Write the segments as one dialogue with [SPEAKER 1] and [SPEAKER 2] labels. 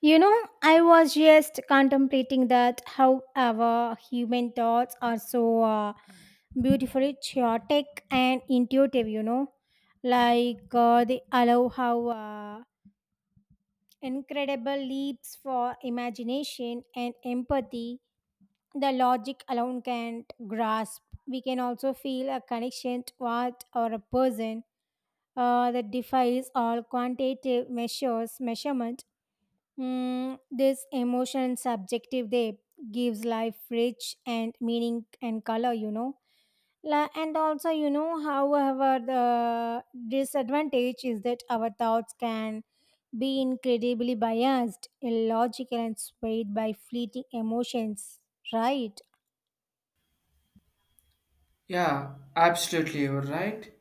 [SPEAKER 1] You know, I was just contemplating that how our human thoughts are so beautifully chaotic and intuitive, you know, they allow how incredible leaps for imagination and empathy the logic alone can't grasp. We can also feel a connection to art or a person that defies all quantitative measures, measurement. This emotion and subjective depth gives life rich and meaning and color, you know. And also, you know, however, the disadvantage is that our thoughts can be incredibly biased, illogical, and swayed by fleeting emotions, right?
[SPEAKER 2] Yeah, absolutely, you're right.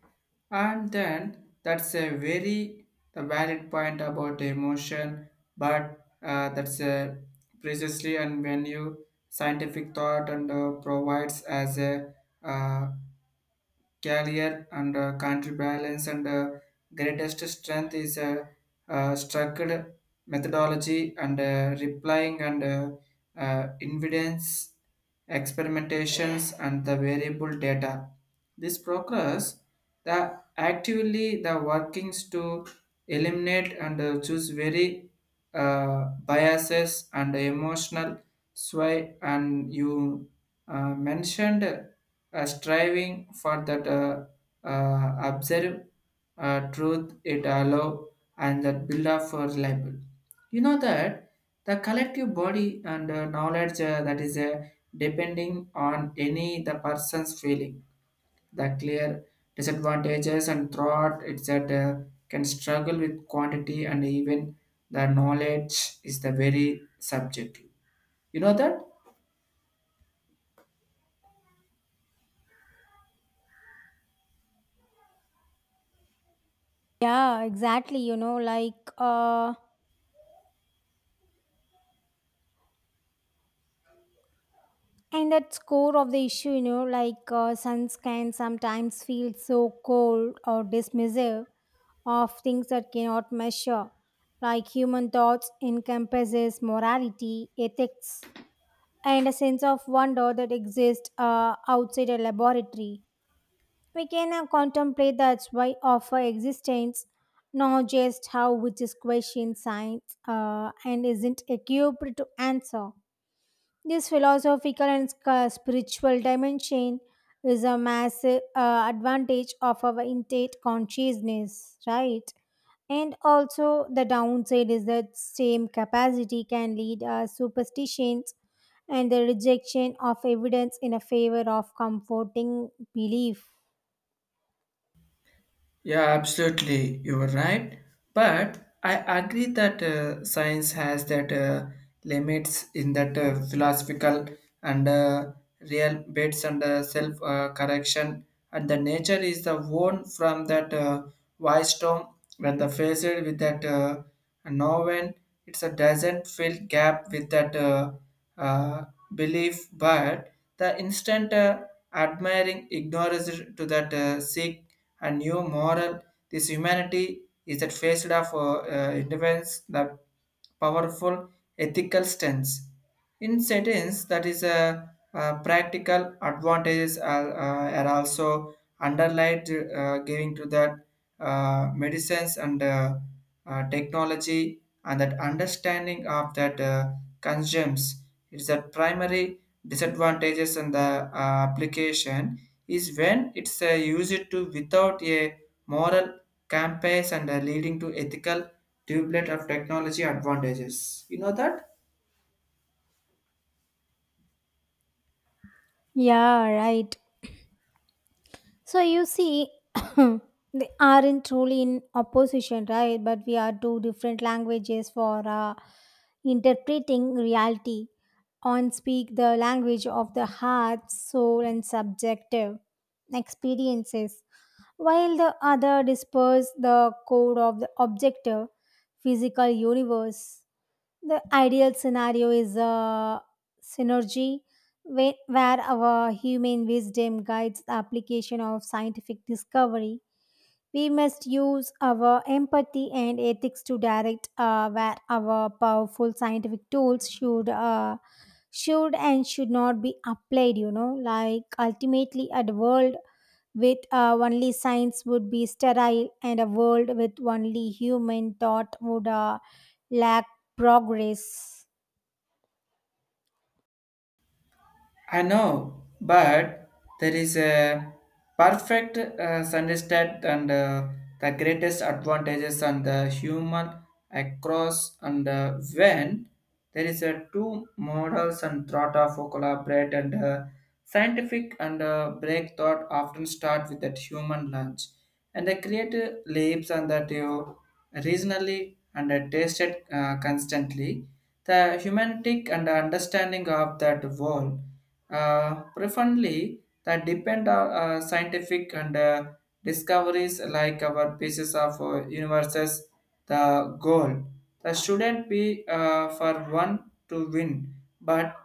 [SPEAKER 2] And then that's a very the valid point about the emotion, but that's a precisely and when you scientific thought and provides as a uh, career and country balance and greatest strength is a structured methodology and replying and evidence experimentations and the variable data this progress the actively the workings to eliminate and choose very uh, biases and emotional sway and you mentioned striving for that observe truth it allow and that build up for libel. You know that the collective body and knowledge that is depending on any the person's feeling. The clear disadvantages and thought it's that can struggle with quantity and even the knowledge is the very subjective. You know that.
[SPEAKER 1] Yeah, exactly. You know, and at core of the issue, you know, suns can sometimes feel so cold or dismissive of things that cannot measure, like human thoughts encompasses morality, ethics, and a sense of wonder that exists outside a laboratory. We can contemplate that's why of our existence, not just how which is question science and isn't equipped to answer. This philosophical and spiritual dimension is a massive advantage of our innate consciousness, right? And also, the downside is that same capacity can lead superstitions and the rejection of evidence in a favor of comforting belief.
[SPEAKER 2] Yeah, absolutely, you were right. But I agree that science has that limits in that philosophical and real bits and self correction, and the nature is the one from that wise storm when the faced with that noven. It's a doesn't fill gap with that uh, belief, but the instant admiring ignorance to that seek and new moral. This humanity is that faced of independence, the powerful ethical stance. In settings, that is a, practical advantages are also underlined, giving to that medicines and technology and that understanding of that. Consumes. It's a primary disadvantages in the application is when it's used to without a moral compass and leading to ethical doublet of technology advantages. You know that?
[SPEAKER 1] Yeah, right. So you see, they aren't truly in opposition, right? But we are two different languages for interpreting reality. On speak the language of the heart, soul, and subjective experiences, while the other disperses the code of the objective physical universe. The ideal scenario is a synergy where our human wisdom guides the application of scientific discovery. We must use our empathy and ethics to direct where our powerful scientific tools should and should not be applied. You know, like ultimately, at world with only science would be sterile and a world with only human thought would lack progress.
[SPEAKER 2] I know, but there is a perfect understand and the greatest advantages on the human across and when there is a two models and thought of collaborate and scientific and break thought often start with that human lunch and the creative leaps and that you reasonably and tasted constantly the humanistic and understanding of that world preferably that depend on scientific and discoveries like our pieces of universes the goal that shouldn't be for one to win but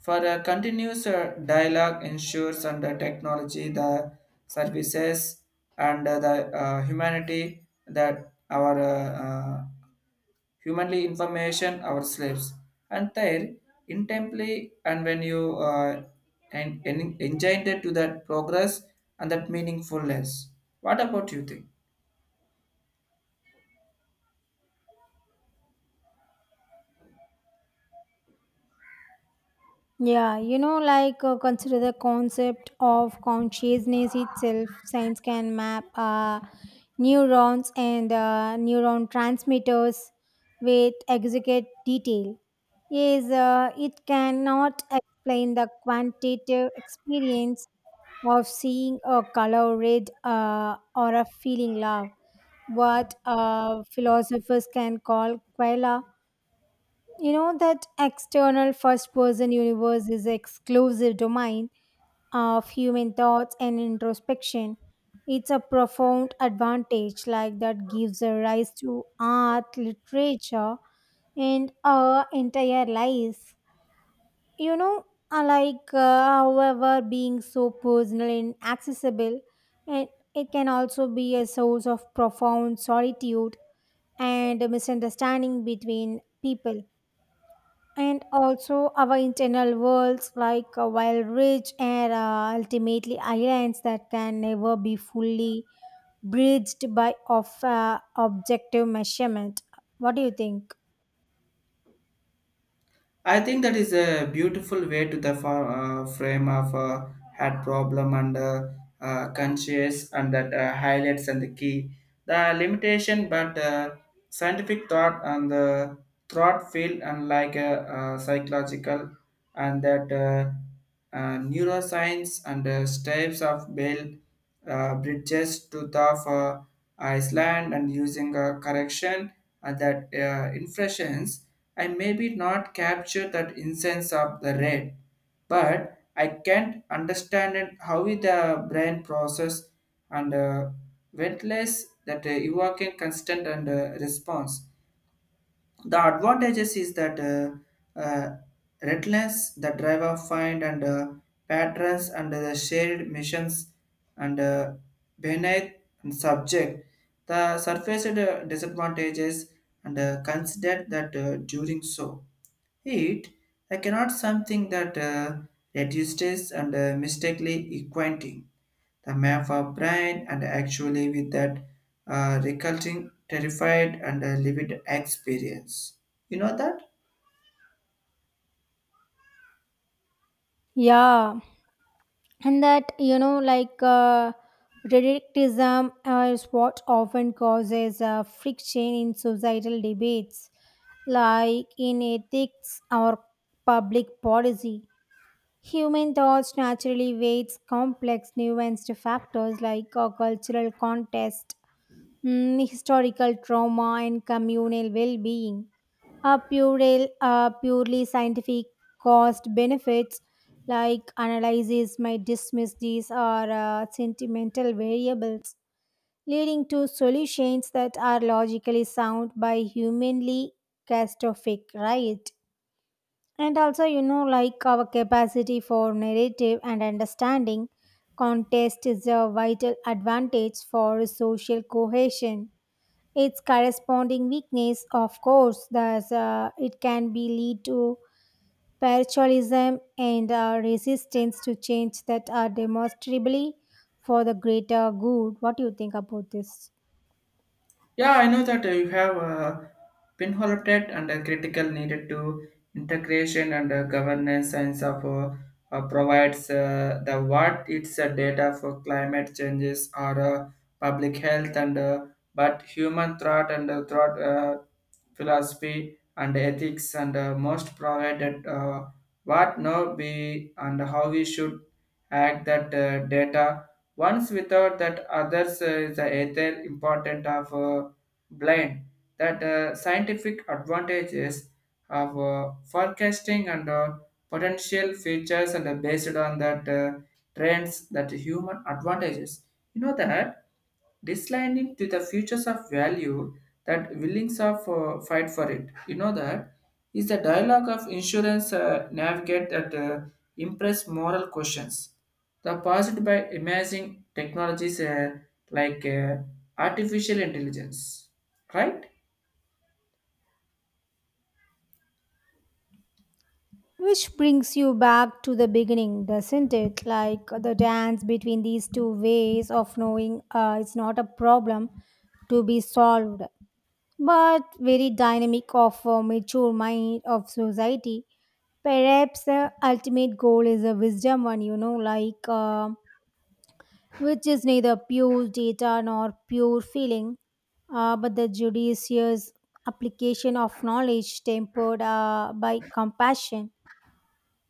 [SPEAKER 2] for a continuous dialogue ensures and the technology the services and the humanity that our humanly information our slaves and there intently and when you and enjoined to that progress and that meaningfulness. What about you think?
[SPEAKER 1] Yeah, you know consider the concept of consciousness itself. Science can map neurons and neuron transmitters with exquisite detail. Yes, it cannot explain the quantitative experience of seeing a color red or a feeling love, what philosophers can call quella. You know that external first person universe is exclusive domain of human thoughts and introspection. It's a profound advantage like that gives a rise to art, literature, and our entire lives. You know, I like however being so personal and accessible, and it can also be a source of profound solitude and a misunderstanding between people and also our internal worlds while rich and ultimately islands that can never be fully bridged by of objective measurement. What do you think?
[SPEAKER 2] I think that is a beautiful way to the frame of had problem and conscious and that highlights and the key the limitation but scientific thought and the thought field and like a, psychological and that neuroscience and types of build bridges to the Iceland and using a correction and that inflations. I maybe not capture that incense of the red but I can't understand it, how the brain process and ventless that evoking constant and response. The advantages is that relentless the driver find and patterns under the shared missions and beneath and subject. The surface disadvantages and consider that during so. Heat, I cannot something that reduces and mistakenly equating the map of brain and actually with that reculting terrified and livid experience. You know that?
[SPEAKER 1] Yeah, and that you know relativism is what often causes friction in societal debates like in ethics or public policy. Human thoughts naturally weights complex nuanced factors like a cultural context, historical trauma, and communal well-being. A purely scientific cost benefits like analysis might dismiss these are sentimental variables, leading to solutions that are logically sound by humanly catastrophic, right? And also, you know, like our capacity for narrative and understanding, contest is a vital advantage for social cohesion. Its corresponding weakness, of course, thus it can be lead to paroxysm and resistance to change that are demonstrably for the greater good. What do you think about this?
[SPEAKER 2] Yeah, I know that you have pinholted and critical needed to integration and governance science of provides the what it's data for climate changes or public health and but human thought and thought philosophy and ethics and most provided what now be and how we should act that data once without that others is the ether important of blind that scientific advantages of forecasting and potential features and based on that trends that human advantages. You know that this line it to the futures of value that willings of fight for it. You know that is the dialogue of insurance navigate that impress moral questions. The posited by imaging technologies like artificial intelligence, right?
[SPEAKER 1] Which brings you back to the beginning, doesn't it? Like the dance between these two ways of knowing it's not a problem to be solved, but very dynamic of a mature mind of society. Perhaps the ultimate goal is a wisdom one, you know, which is neither pure data nor pure feeling, but the judicious application of knowledge tempered by compassion.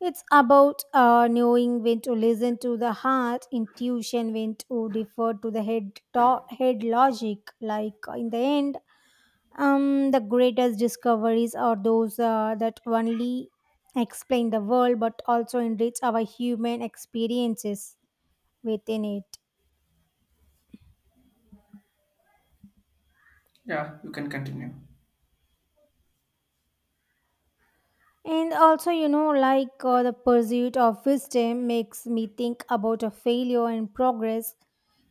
[SPEAKER 1] It's about knowing when to listen to the heart, intuition, when to defer to the head, head logic. In the end, the greatest discoveries are those that only explain the world but also enrich our human experiences within it.
[SPEAKER 2] Yeah, you can continue.
[SPEAKER 1] And also, you know, the pursuit of wisdom makes me think about a failure and progress.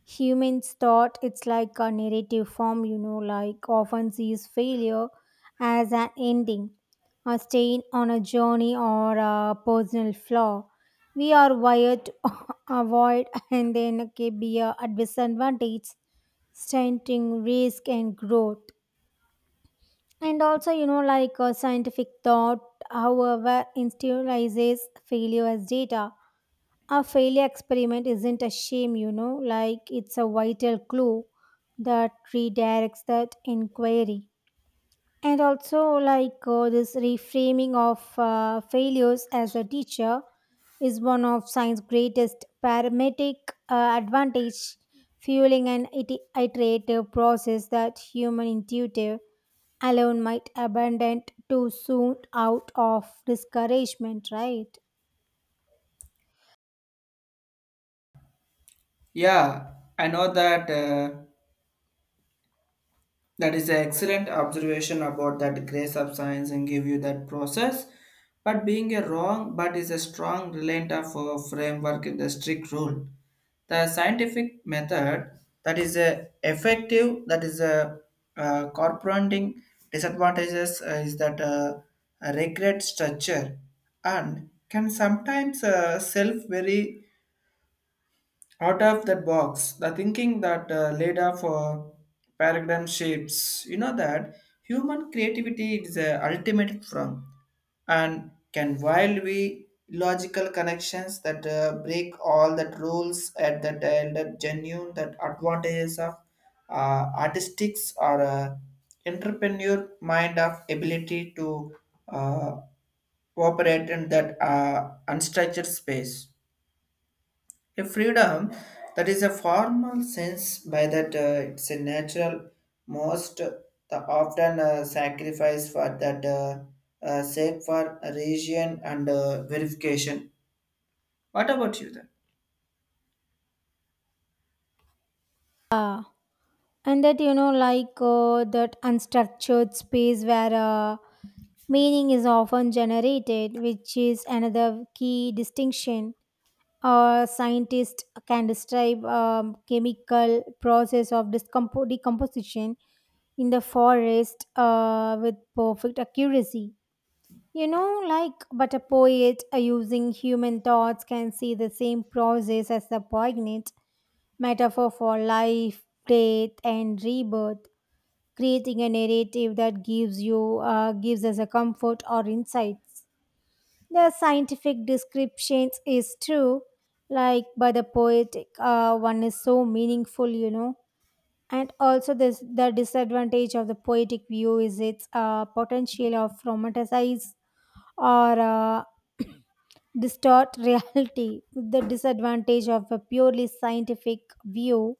[SPEAKER 1] Humans thought it's like a narrative form, you know, like often sees failure as an ending, a stain on a journey, or a personal flaw. We are wired to avoid and then can be a disadvantage, stunting risk and growth. And also, you know, scientific thought, however, institutionalizes failure as data. A failure experiment isn't a shame, you know, like it's a vital clue that redirects that inquiry. And also, this reframing of failures as a teacher is one of science's greatest parametric advantage, fueling an iterative process that human intuitive alone might abandon too soon out of discouragement, right?
[SPEAKER 2] Yeah, I know that. That is an excellent observation about that grace of science and give you that process. But being a wrong, but is a strong reliant of a framework in the strict rule. The scientific method that is a effective, that is a corresponding disadvantages is that a regret structure and can sometimes self very out of that box the thinking that laid off paradigm shapes. You know that human creativity is the ultimate from and can while we logical connections that break all that rules at that and that genuine that advantages of artistics or entrepreneur mind of ability to uh, operate in that unstructured space, a freedom that is a formal sense by that it's a natural most the often sacrifice for that sake for region and verification. What about you then?
[SPEAKER 1] Yeah, and that you know that unstructured space where meaning is often generated, which is another key distinction. A scientist can describe chemical process of decomposition in the forest with perfect accuracy. You know, like, but a poet using human thoughts can see the same process as the poignant metaphor for life, death, and rebirth, creating a narrative that gives us a comfort or insights. The scientific descriptions is true, like, but the poetic one is so meaningful, you know. And also, this the disadvantage of the poetic view is its potential of romanticize or uh, distort reality. The disadvantage of a purely scientific view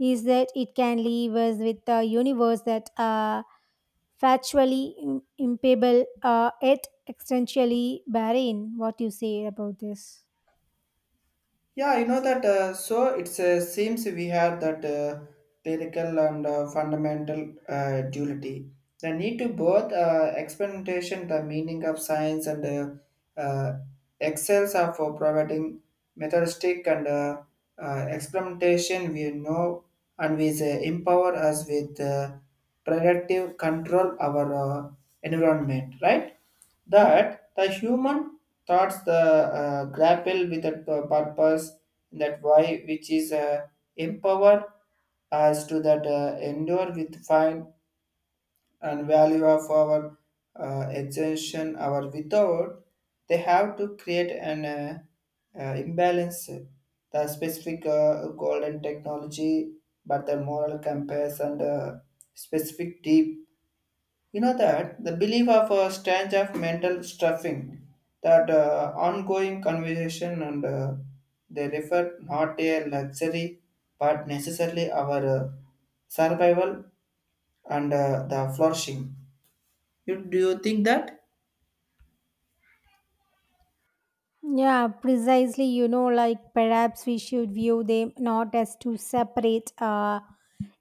[SPEAKER 1] is that it can leave us with a universe that are factually impeccable yet existentially barren. What you say about this?
[SPEAKER 2] Yeah, you know that. So it seems we have that empirical and fundamental duality. The need to both experimentation, the meaning of science, and excels are for providing methodistic and experimentation. We know and we empower us with productive control our environment, right? That the human thoughts the grapple with the purpose that why which is empower us to that endure with find and value of our extension our without they have to create an imbalance the specific golden technology but the moral compass and specific deep. You know that the belief of a strange of mental stuffing, that ongoing conversation and they refer not a luxury but necessarily our survival and the flourishing. You, do you think that?
[SPEAKER 1] Yeah, precisely. You know, like perhaps we should view them not as two separate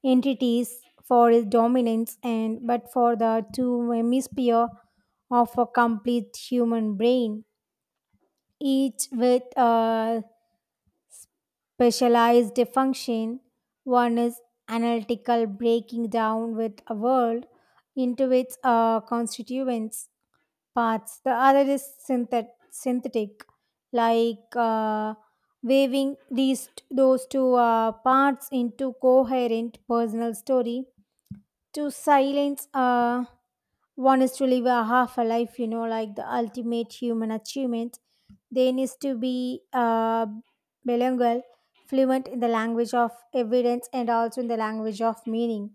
[SPEAKER 1] entities for its dominance and but for the two hemisphere of a complete human brain, each with a specialized function. One is analytical, breaking down with a world into its constituents parts. The other is synthetic, like uh, weaving these those two parts into coherent personal story to silence one is to live a half a life. You know like the ultimate human achievement they needs to be bilingual, fluent in the language of evidence and also in the language of meaning,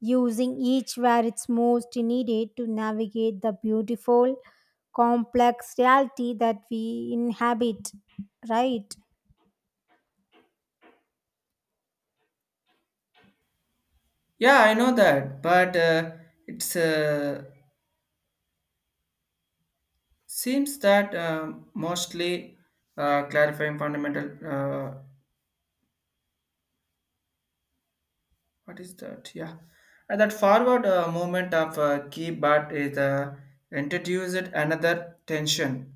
[SPEAKER 1] using each where it's most needed to navigate the beautiful complex reality that we inhabit, right?
[SPEAKER 2] Yeah, I know that, but it's seems that mostly clarifying fundamental what is that? Yeah, and that forward movement of key, but is introduced another tension.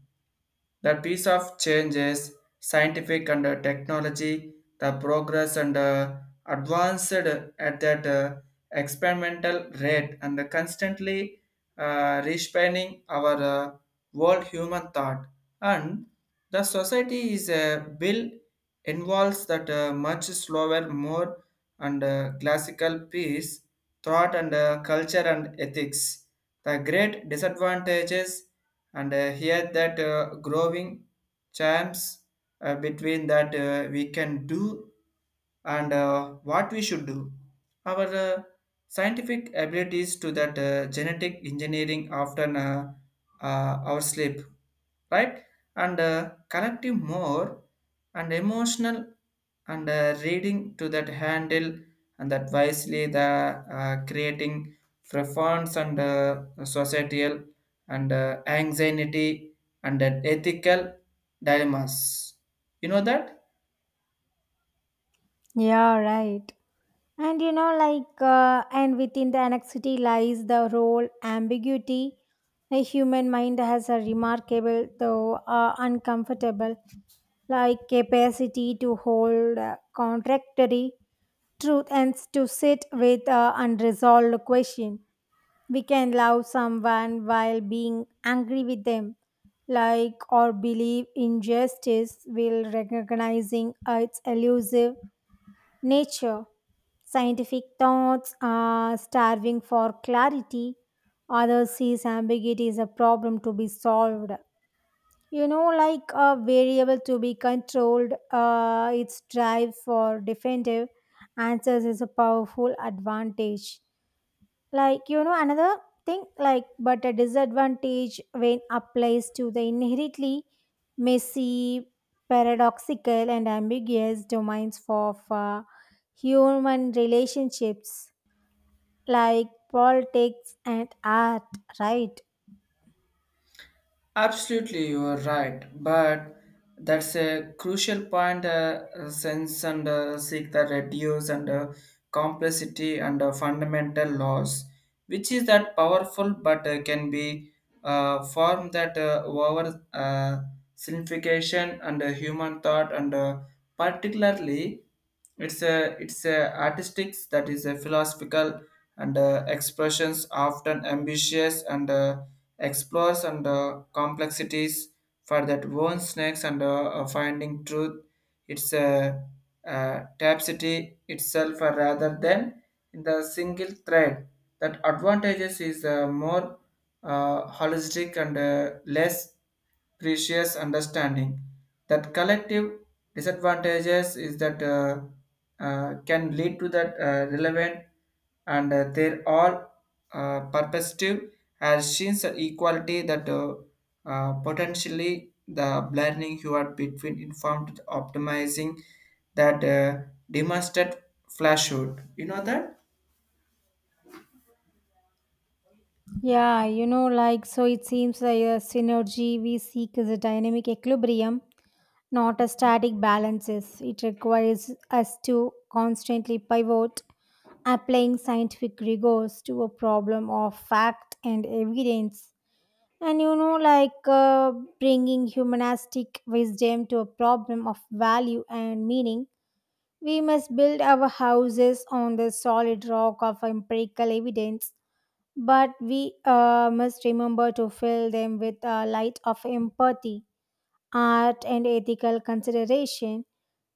[SPEAKER 2] The piece of change is scientific and technology, the progress and advanced at that experimental rate and constantly respanning our world human thought. And the society is a bill involves that much slower, more and classical piece, thought and culture and ethics. The great disadvantages and here that growing charms between that we can do and what we should do our scientific abilities to that genetic engineering often our sleep, right, and collective more and emotional and reading to that handle and that wisely the creating profound and societal and anxiety and ethical dilemmas. You know that.
[SPEAKER 1] Yeah, right. And you know, and within the annexity lies the role ambiguity. The human mind has a remarkable, though uncomfortable, like capacity to hold contradictory truth and to sit with unresolved question. We can love someone while being angry with them, like or believe injustice while recognizing its elusive nature. Scientific thoughts are starving for clarity. Others see ambiguity as a problem to be solved. You know, like a variable to be controlled, its drive for definitive answers is a powerful advantage. Like, you know, another thing, like, but a disadvantage when applies to the inherently messy, paradoxical, and ambiguous domains of human relationships, like politics and art, right?
[SPEAKER 2] Absolutely, you are right. But that's a crucial point. Sense and seek the reduce and complexity and fundamental laws, which is that powerful, but can be form that over simplification and human thought and particularly it's a artistics that is a philosophical and expressions often ambitious and explores and complexities for that own snakes and finding truth. It's a tapestry itself rather than in the single thread. That advantages is more holistic and less precious understanding. That collective disadvantages is that can lead to that relevant and they're all perspective has seen the equality that potentially the blurring you are between informed optimizing that demonstrate flashhood. You know that?
[SPEAKER 1] Yeah, you know, like, so it seems like a synergy we seek is a dynamic equilibrium, not a static balances. It requires us to constantly pivot, applying scientific rigors to a problem of fact and evidence, and you know bringing humanistic wisdom to a problem of value and meaning. We must build our houses on the solid rock of empirical evidence, but we must remember to fill them with a light of empathy, art and ethical consideration.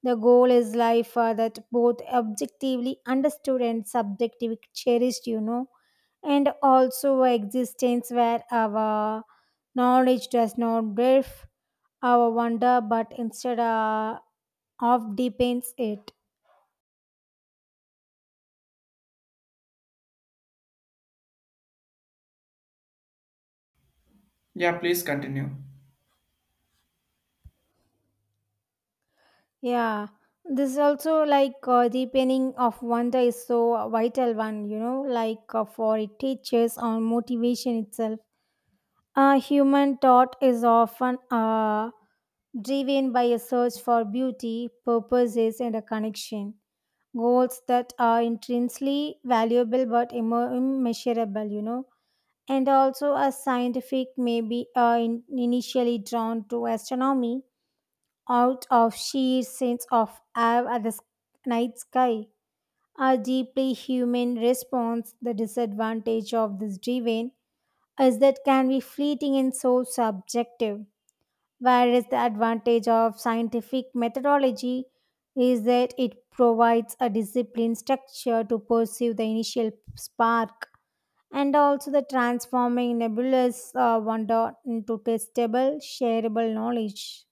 [SPEAKER 1] The goal is life that both objectively understood and subjectively cherished, you know, and also existence where our knowledge does not brief our wonder but instead of deepens it.
[SPEAKER 2] Yeah, please continue.
[SPEAKER 1] Yeah, this is also deepening of wonder is so vital one, you know, for it teaches on motivation itself. Human thought is often driven by a search for beauty, purposes, and a connection. Goals that are intrinsically valuable but immeasurable, you know. And also, a scientific may be initially drawn to astronomy out of sheer sense of awe at the night sky. A deeply human response, the disadvantage of this driven is that can be fleeting and so subjective, whereas the advantage of scientific methodology is that it provides a discipline structure to pursue the initial spark, and also the transforming nebulous wonder into testable, shareable knowledge.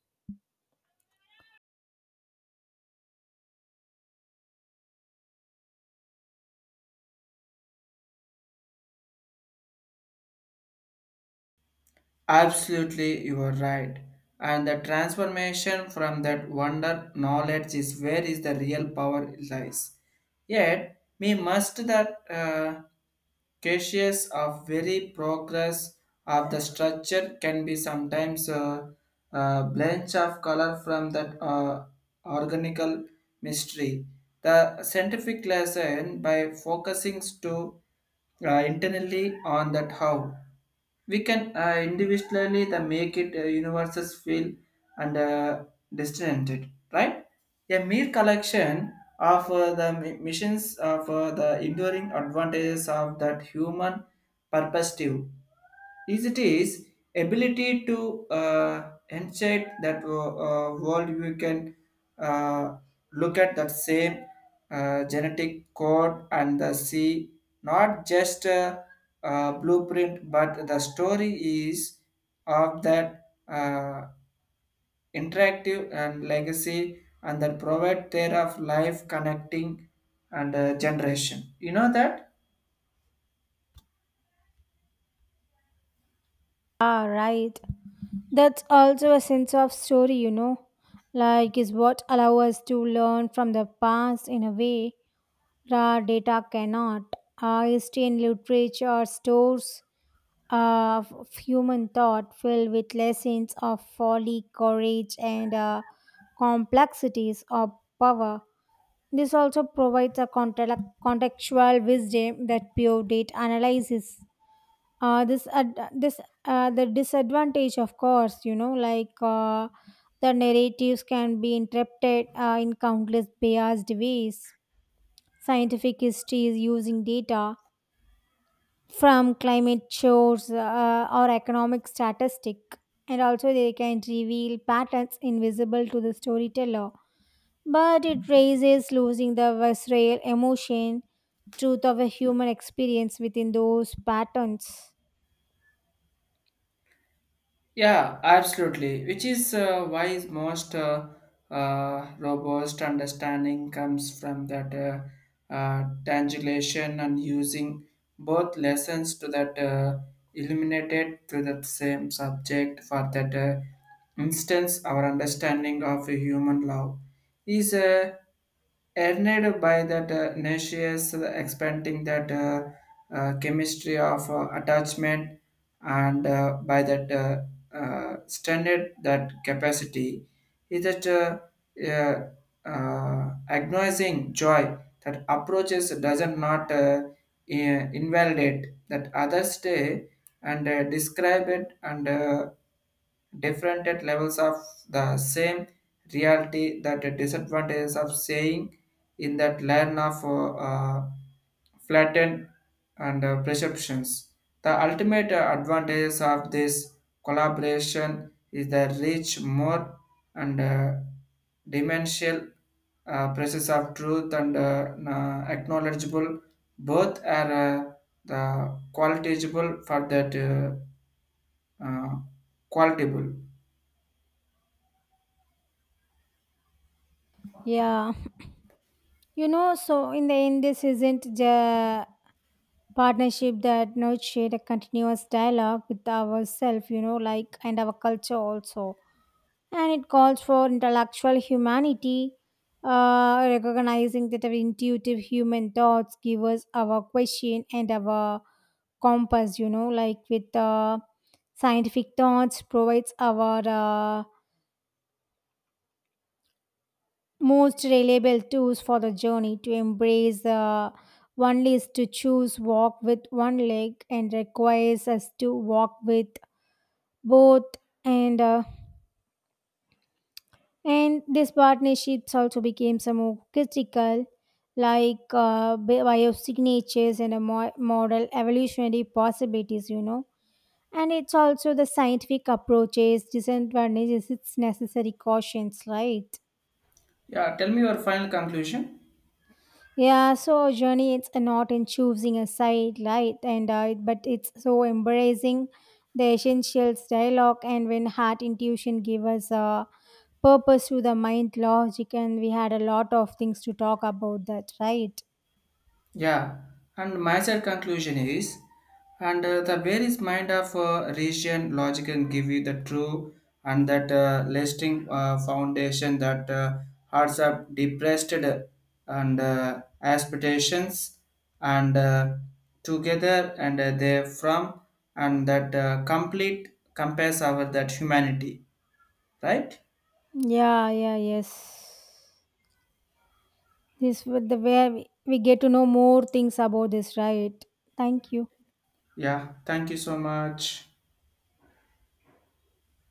[SPEAKER 2] Absolutely, you are right. And the transformation from that wonder knowledge is where is the real power lies. Yet, we must that cautious of very progress of the structure can be sometimes a blanch of color from that organical mystery. The scientific lesson by focusing to internally on that how we can individually the make it universes feel and distant, right, a mere collection of the missions of the enduring advantages of that human perspective is it is ability to enchant that world. You can uh, look at that same genetic code and the see not just blueprint, but the story is of that interactive and legacy and that provide their of life connecting and generation. You know that?
[SPEAKER 1] Ah, right. That's also a sense of story, you know. Like, is what allow us to learn from the past in a way raw data cannot. Our history and literature stores of human thought filled with lessons of folly, courage, and complexities of power. This also provides a contextual wisdom that Pure Date analyzes. This the disadvantage, of course, you know, the narratives can be interpreted in countless biased ways. Scientific history is using data from climate shows, or economic statistic, and also they can reveal patterns invisible to the storyteller, but it raises losing the visceral emotion truth of a human experience within those patterns.
[SPEAKER 2] Yeah, absolutely. Which is why most robust understanding comes from that translation and using both lessons to that illuminated to that same subject. For that instance, our understanding of human love is earned by that nauseous expanding that chemistry of attachment and by that standard that capacity is that uh, agonizing joy that approaches doesn't not invalidate that others day and describe it and different at levels of the same reality that the disadvantages of saying in that learn of flatten and perceptions. The ultimate advantages of this collaboration is the reach more and dimensional process of truth and acknowledgeable. Both are the qualitable for that uh, qualitable.
[SPEAKER 1] Yeah, you know, so in the end this isn't the partnership that nurtured a continuous dialogue with ourselves, you know, like and our culture also, and it calls for intellectual humanity, recognizing that our intuitive human thoughts give us our question and our compass, you know, like with scientific thoughts provides our most reliable tools for the journey to embrace one is to choose walk with one leg and requires us to walk with both. And uh, And these partnerships also became some more critical, like biosignatures and a model evolutionary possibilities, you know. And it's also the scientific approaches, disadvantages, it's necessary cautions, right?
[SPEAKER 2] Yeah, tell me your final conclusion.
[SPEAKER 1] Yeah, so our journey it's not in choosing a side, right? And but it's so embracing the essentials dialogue, and when heart intuition give us a purpose to the mind logic, and we had a lot of things to talk about that, right?
[SPEAKER 2] Yeah, and my sad conclusion is, and the various mind of region logic can give you the true and that lasting foundation that hearts are depressed and aspirations and together and they from and that complete compares our that humanity, right?
[SPEAKER 1] Yeah, yeah, yes. This was the where we get to know more things about this, right? Thank you.
[SPEAKER 2] Yeah, thank you so much.